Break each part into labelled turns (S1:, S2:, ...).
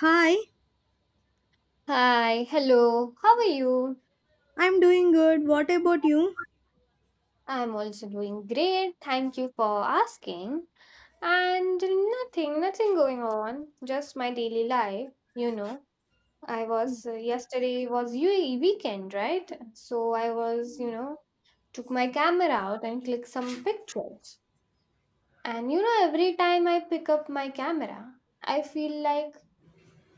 S1: Hi,
S2: Hi, hello, how are you?
S1: I'm doing good. What about you?
S2: I'm also doing great. Thank you for asking. And nothing going on, just my daily life. I was Yesterday was UE weekend, right? So I was, you know, took my camera out and clicked some pictures. And every time I pick up my camera, I feel like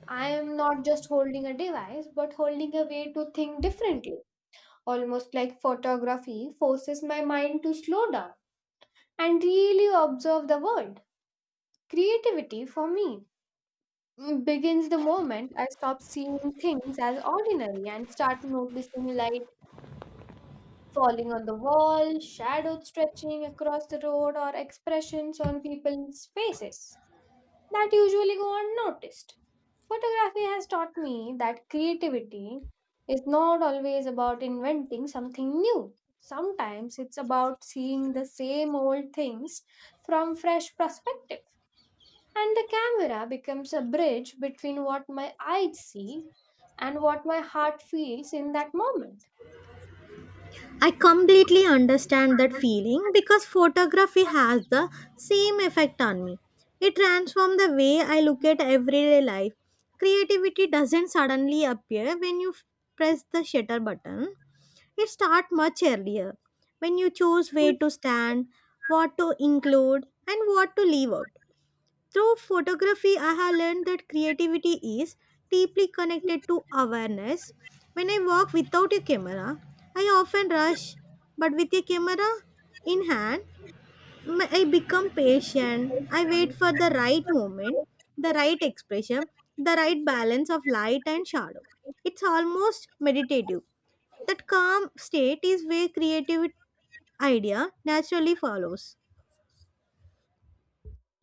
S2: I am not just holding a device, but holding a way to think differently, almost like photography, forces my mind to slow down and really observe the world. Creativity for me begins the moment I stop seeing things as ordinary and start noticing light falling on the wall, shadows stretching across the road, or expressions on people's faces that usually go unnoticed. Photography has taught me that creativity is not always about inventing something new. Sometimes it's about seeing the same old things from fresh perspective. And the camera becomes a bridge between what my eyes see and what my heart feels in that moment.
S1: I completely understand that feeling because photography has the same effect on me. It transforms the way I look at everyday life. Creativity doesn't suddenly appear when you press the shutter button. It starts much earlier when you choose where to stand, what to include, and what to leave out. Through photography, I have learned that creativity is deeply connected to awareness. When I walk without a camera, I often rush, but with a camera in hand, I become patient. I wait for the right moment, the right expression, the right balance of light and shadow. It's almost meditative. That calm state is where creative idea naturally follows.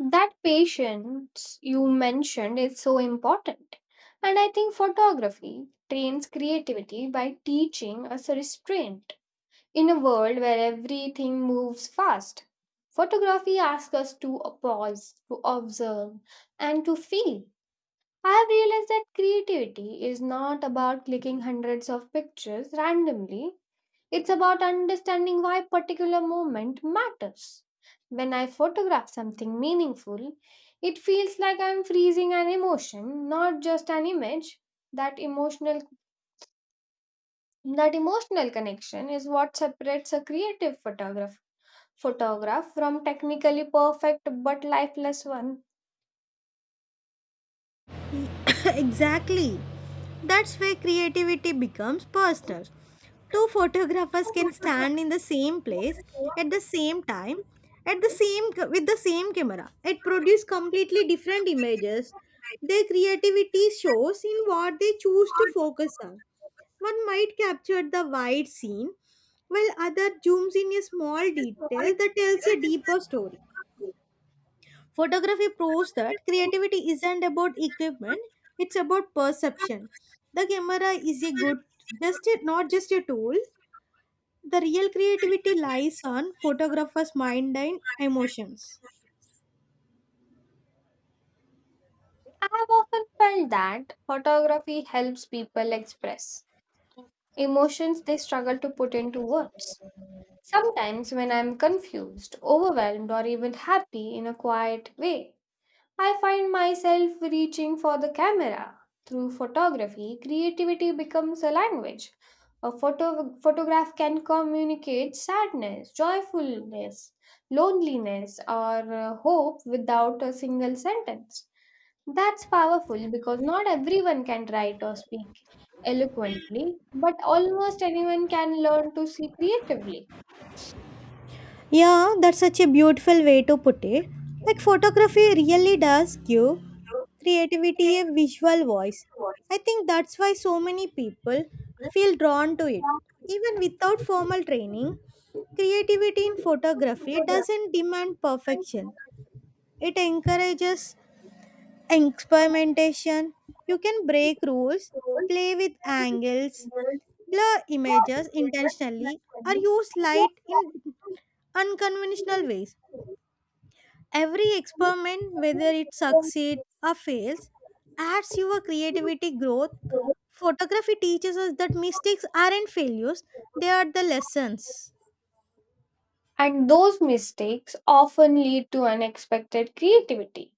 S2: That patience you mentioned is so important. And I think photography trains creativity by teaching us restraint. In a world where everything moves fast, photography asks us to pause, to observe, and to feel. I have realized that creativity is not about clicking hundreds of pictures randomly, it's about understanding why particular moment matters. When I photograph something meaningful, it feels like I'm freezing an emotion, not just an image. That emotional that emotional connection is what separates a creative photograph from technically perfect but lifeless one.
S1: Exactly. That's where creativity becomes personal. Two photographers can stand in the same place at the same time at the same ca- with the same camera, it produces completely different images. Their creativity shows in what they choose to focus on. One might capture the wide scene while other zooms in a small detail that tells a deeper story. Photography proves that creativity isn't about equipment, it's about perception. The camera is a good just a, not just a tool. The real creativity lies on photographer's mind and emotions.
S2: I have often felt that photography helps people express emotions they struggle to put into words. Sometimes, when I'm confused, overwhelmed, or even happy in a quiet way, I find myself reaching for the camera. Through photography, creativity becomes a language. A photograph can communicate sadness, joyfulness, loneliness, or hope without a single sentence. That's powerful because not everyone can write or speak eloquently, but almost anyone can learn to see creatively.
S1: Yeah, that's such a beautiful way to put it. Like, photography really does give creativity a visual voice. I think that's why so many people feel drawn to it. Even without formal training, creativity in photography doesn't demand perfection. It encourages experimentation. You can break rules, play with angles, blur images intentionally, or use light in unconventional ways. Every experiment, whether it succeeds or fails, adds your creativity growth. Photography teaches us that mistakes aren't failures, they are the lessons.
S2: And those mistakes often lead to unexpected creativity.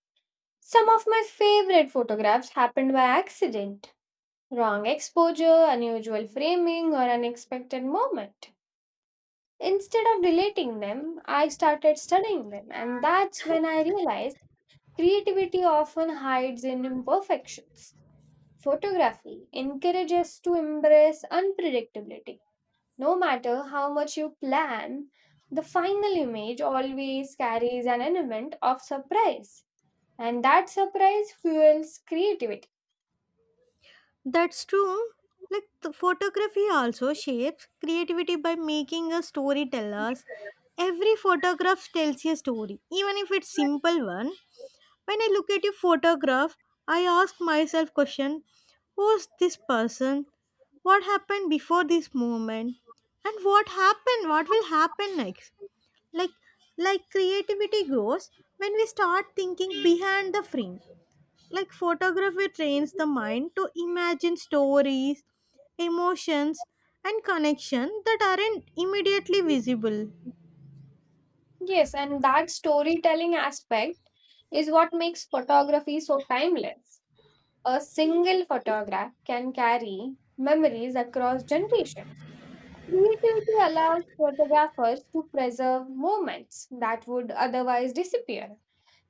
S2: Some of my favorite photographs happened by accident, wrong exposure, unusual framing, or unexpected moment. Instead of deleting them, I started studying them, and that's when I realized creativity often hides in imperfections. Photography encourages to embrace unpredictability. No matter how much you plan, the final image always carries an element of surprise, and that surprise fuels creativity.
S1: That's true. Like, the photography also shapes creativity by making us storytellers. Every photograph tells a story, even if it's simple one. When I look at a photograph, I ask myself question, who's this person? What happened before this moment? And what happened? What will happen next? Like like creativity grows when we start thinking behind the frame, like photography trains the mind to imagine stories, emotions, and connection that aren't immediately visible.
S2: Yes, and that storytelling aspect is what makes photography so timeless. A single photograph can carry memories across generations. Creativity allows photographers to preserve moments that would otherwise disappear.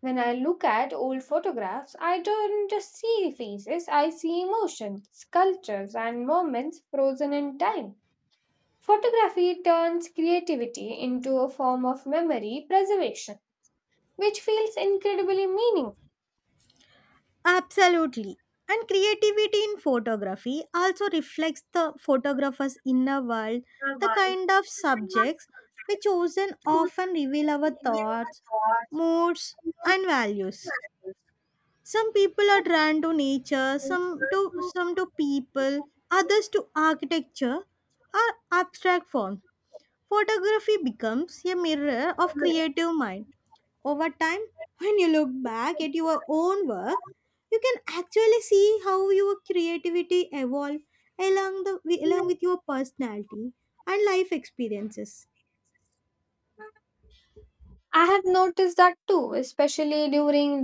S2: When I look at old photographs, I don't just see faces, I see emotions, sculptures, and moments frozen in time. Photography turns creativity into a form of memory preservation, which feels incredibly meaningful.
S1: Absolutely. And creativity in photography also reflects the photographer's inner world. The kind of subjects we chosen often reveal our thoughts, moods, and values. Some people are drawn to nature, some to people, others to architecture or abstract forms. Photography becomes a mirror of creative mind. Over time, when you look back at your own work, you can actually see how your creativity evolved along the along with your personality and life experiences.
S2: I have noticed that too, especially during